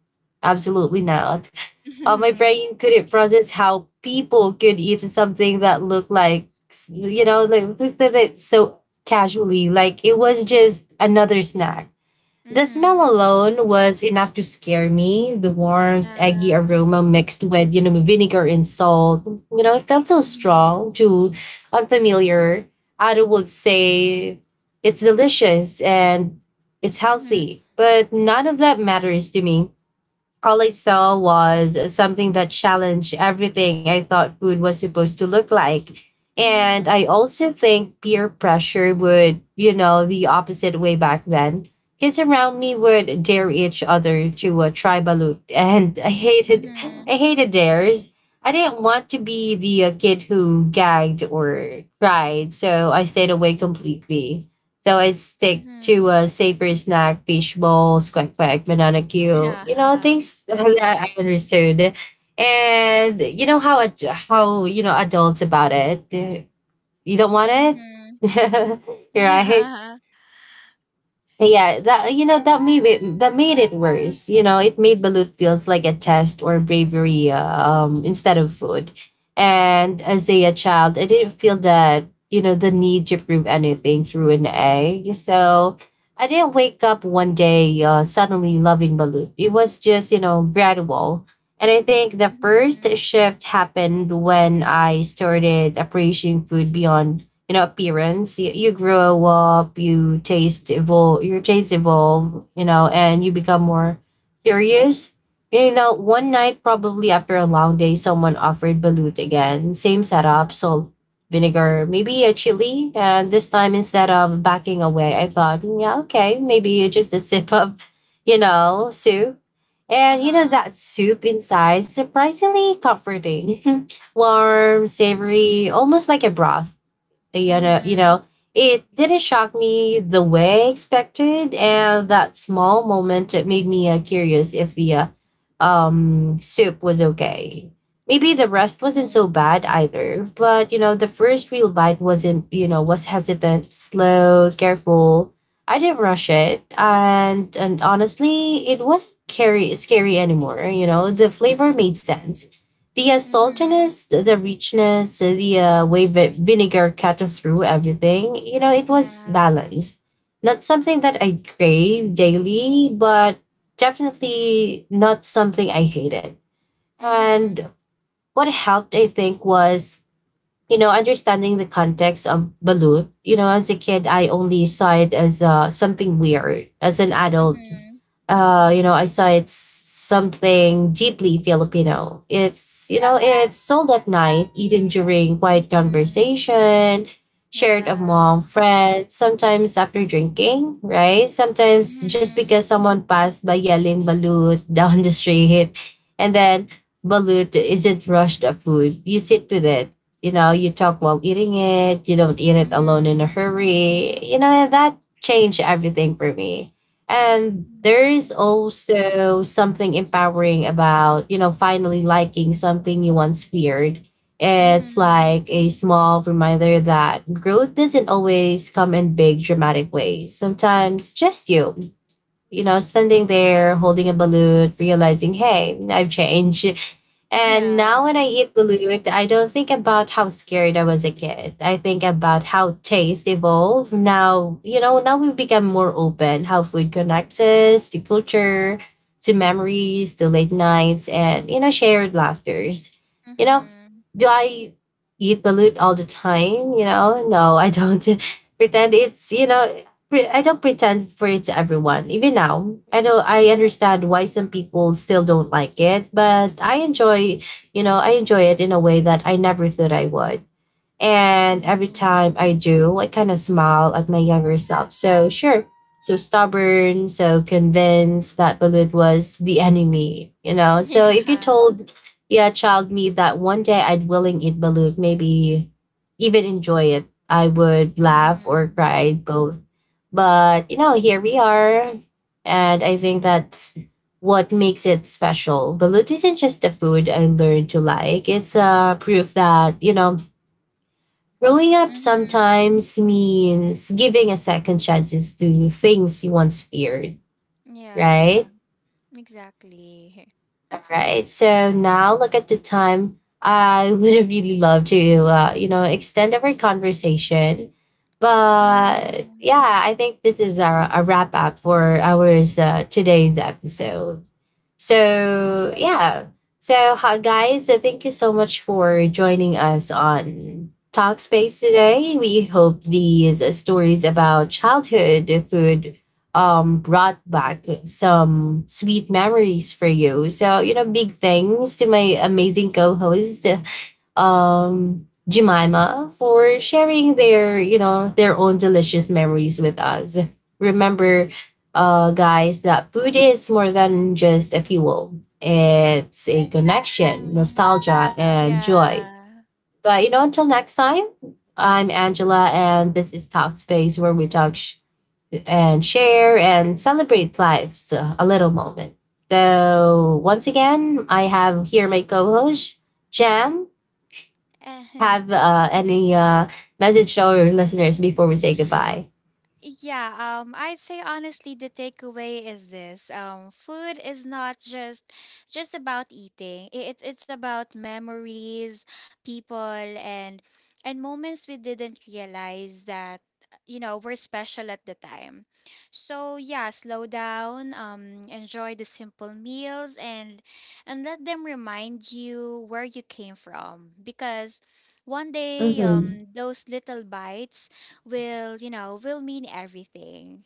S1: absolutely not. My
S2: Mhm.
S1: brain couldn't process how people could eat something that looked like, you know, like looked at it so casually. Like it was just another snack. The smell
S2: Mhm.
S1: alone was enough to scare me. The warm, eggy
S2: Yeah.
S1: aroma mixed with, you know, vinegar and salt. You know, it felt so strong,
S2: Mhm.
S1: too unfamiliar. I would say it's delicious and it's
S2: Mhm.
S1: healthy, but none of that matters to me. All I saw was something that challenged everything I thought food was supposed to look like. And I
S2: Mhm.
S1: also think peer pressure would, you know, the opposite way back then. Kids around me would dare each other to a tribalut, and
S2: Mhm.
S1: I hated dares. I didn't want to be the kid who gagged or cried, so I stayed away completely. So I'd stick to
S2: Mhm.
S1: a safer snack, fish balls, quack quack, banana cue,
S2: Yeah.
S1: you know, things that I understood. And you know how how, you know, adults about it. You don't want
S2: Mhm.
S1: it, right?
S2: Yeah.
S1: Yeah, that, you know, that made it
S2: Mm,
S1: worse. You know, it made balut feels like a test or bravery, instead of food. And as a child, I didn't feel that, you know, the need to prove anything through an egg. So I didn't wake up one day, suddenly loving balut. It was just, you know, gradual. And I think the first
S2: mhm.
S1: shift happened when I started appreciating food beyond, you know, appearance. You grow up, your taste evolve, you know, and you become more curious. You know, one night, probably after a long day, someone offered balut again, same setup, salt, vinegar, maybe a chili. And this time, instead of backing away, I thought, "Mm, yeah, okay, maybe just a sip of, you know, soup." And you know
S2: Uh-huh.
S1: that soup inside, surprisingly comforting, warm, savory, almost like a broth. You know, you
S2: Mhm.
S1: know, it didn't shock me the way I expected, and that small moment, it made me curious if the soup was okay. Maybe the rest wasn't
S2: Uh-huh.
S1: so bad either. But you know, the first real bite wasn't, you know, was hesitant, slow, careful. I didn't rush it, and honestly, it wasn't scary anymore. You know, the flavor made sense, the
S2: Mhm.
S1: saltiness, the richness, the way vinegar cut through everything. You know, it was
S2: Yeah.
S1: balanced. Not something that I crave daily, but definitely not something I hated. And
S2: Mhm.
S1: what helped, I think, was, you know, understanding the context of balut. You know, as a kid, I only saw it as, something weird. As an adult,
S2: Mhm.
S1: you know, I saw it's something deeply Filipino. It's, you know, it's sold at night, eaten during quiet
S2: Mhm.
S1: conversation, shared
S2: Yeah.
S1: among friends, sometimes after drinking, right? Sometimes just
S2: Mhm.
S1: because someone passed by yelling balut down the street. And then balut isn't rushed of food. You sit with it. You know, you talk while eating it. You don't eat it alone in a
S2: Mhm.
S1: hurry. You know, that changed everything for me. And there
S2: Yeah.
S1: is also something empowering about, you know, finally liking something you once feared. It's
S2: Mhm.
S1: like a small reminder that growth doesn't always come in big dramatic ways. Sometimes just you, you know, standing there holding a balloon, realizing, hey, I've changed. And now when I
S2: Yeah.
S1: eat balut, I don't think about how scared I was a kid. I think about how taste evolved. Now, you know, now we become more open, how food connects us to culture, to memories, to late nights, and, you know, shared laughters. You know,
S2: Mhm.
S1: do I eat balut all the time? You know, no, I don't. Pretend it's, you know, I don't pretend for it to everyone. Even now, I know I understand why some people still don't like it, but I enjoy, you know, I enjoy it in a way that I never thought I would. And every time
S2: Mhm.
S1: I do, I kind of smile at my younger self. So, sure, so stubborn, so convinced that balut was the enemy, you know? So, if you
S2: Yeah.
S1: told, yeah, child me that one day I'd willing eat balut, maybe even enjoy it, I would laugh or
S2: Mhm.
S1: cry both. But, you know, here we are. And I think that's what makes it special. Balut isn't just a food I learned to like, it's a proof that, you know, growing up
S2: Mhm.
S1: sometimes means giving a second chances to things you once feared, right?
S2: Yeah. Exactly.
S1: All right. So now look at the time. I would really love to, you know, extend our conversation. But
S2: Mhm.
S1: yeah, I think this is our, a wrap up for our today's episode. So yeah. So hi guys, thank you so much for joining us on Talkspace today. We hope these stories about childhood food brought back some sweet memories for you. So, you know, big thanks to my amazing co-host, Jemima, for sharing their, you know, their own delicious memories with us. Remember, guys, that food is more than just a fuel. It's a connection,
S2: Mhm.
S1: nostalgia, and joy.
S2: Yeah.
S1: But you know, until next time, I'm Angela, and this is Talk Space, where we talk and share and celebrate life's a little moment. So once again, I have here my co-host Jam,
S2: And
S1: have any message to our listeners before we say goodbye?
S2: yeah, I'd say honestly the takeaway is this. Food is not just about eating. It's about memories, people, and moments we didn't realize that, you know, were special at the time. So yeah, slow down, enjoy the simple meals, and let them remind you where you came from, because one day
S1: Mm-hmm.
S2: those little bites will, you know, will mean everything.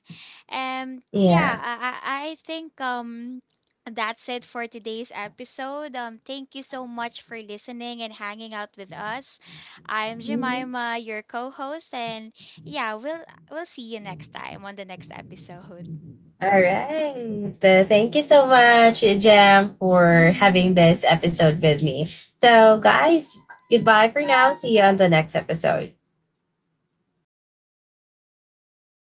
S2: And yeah,
S1: Yeah.
S2: I think that's it for today's episode. Thank you so much for listening and hanging out with us. I'm Jemima, your co-host, and yeah, we'll see you next time on the next episode.
S1: All right. Thank you so much, Jam, for having
S2: Hmm.
S1: this episode with me. So, guys, goodbye for now. See you on the next episode.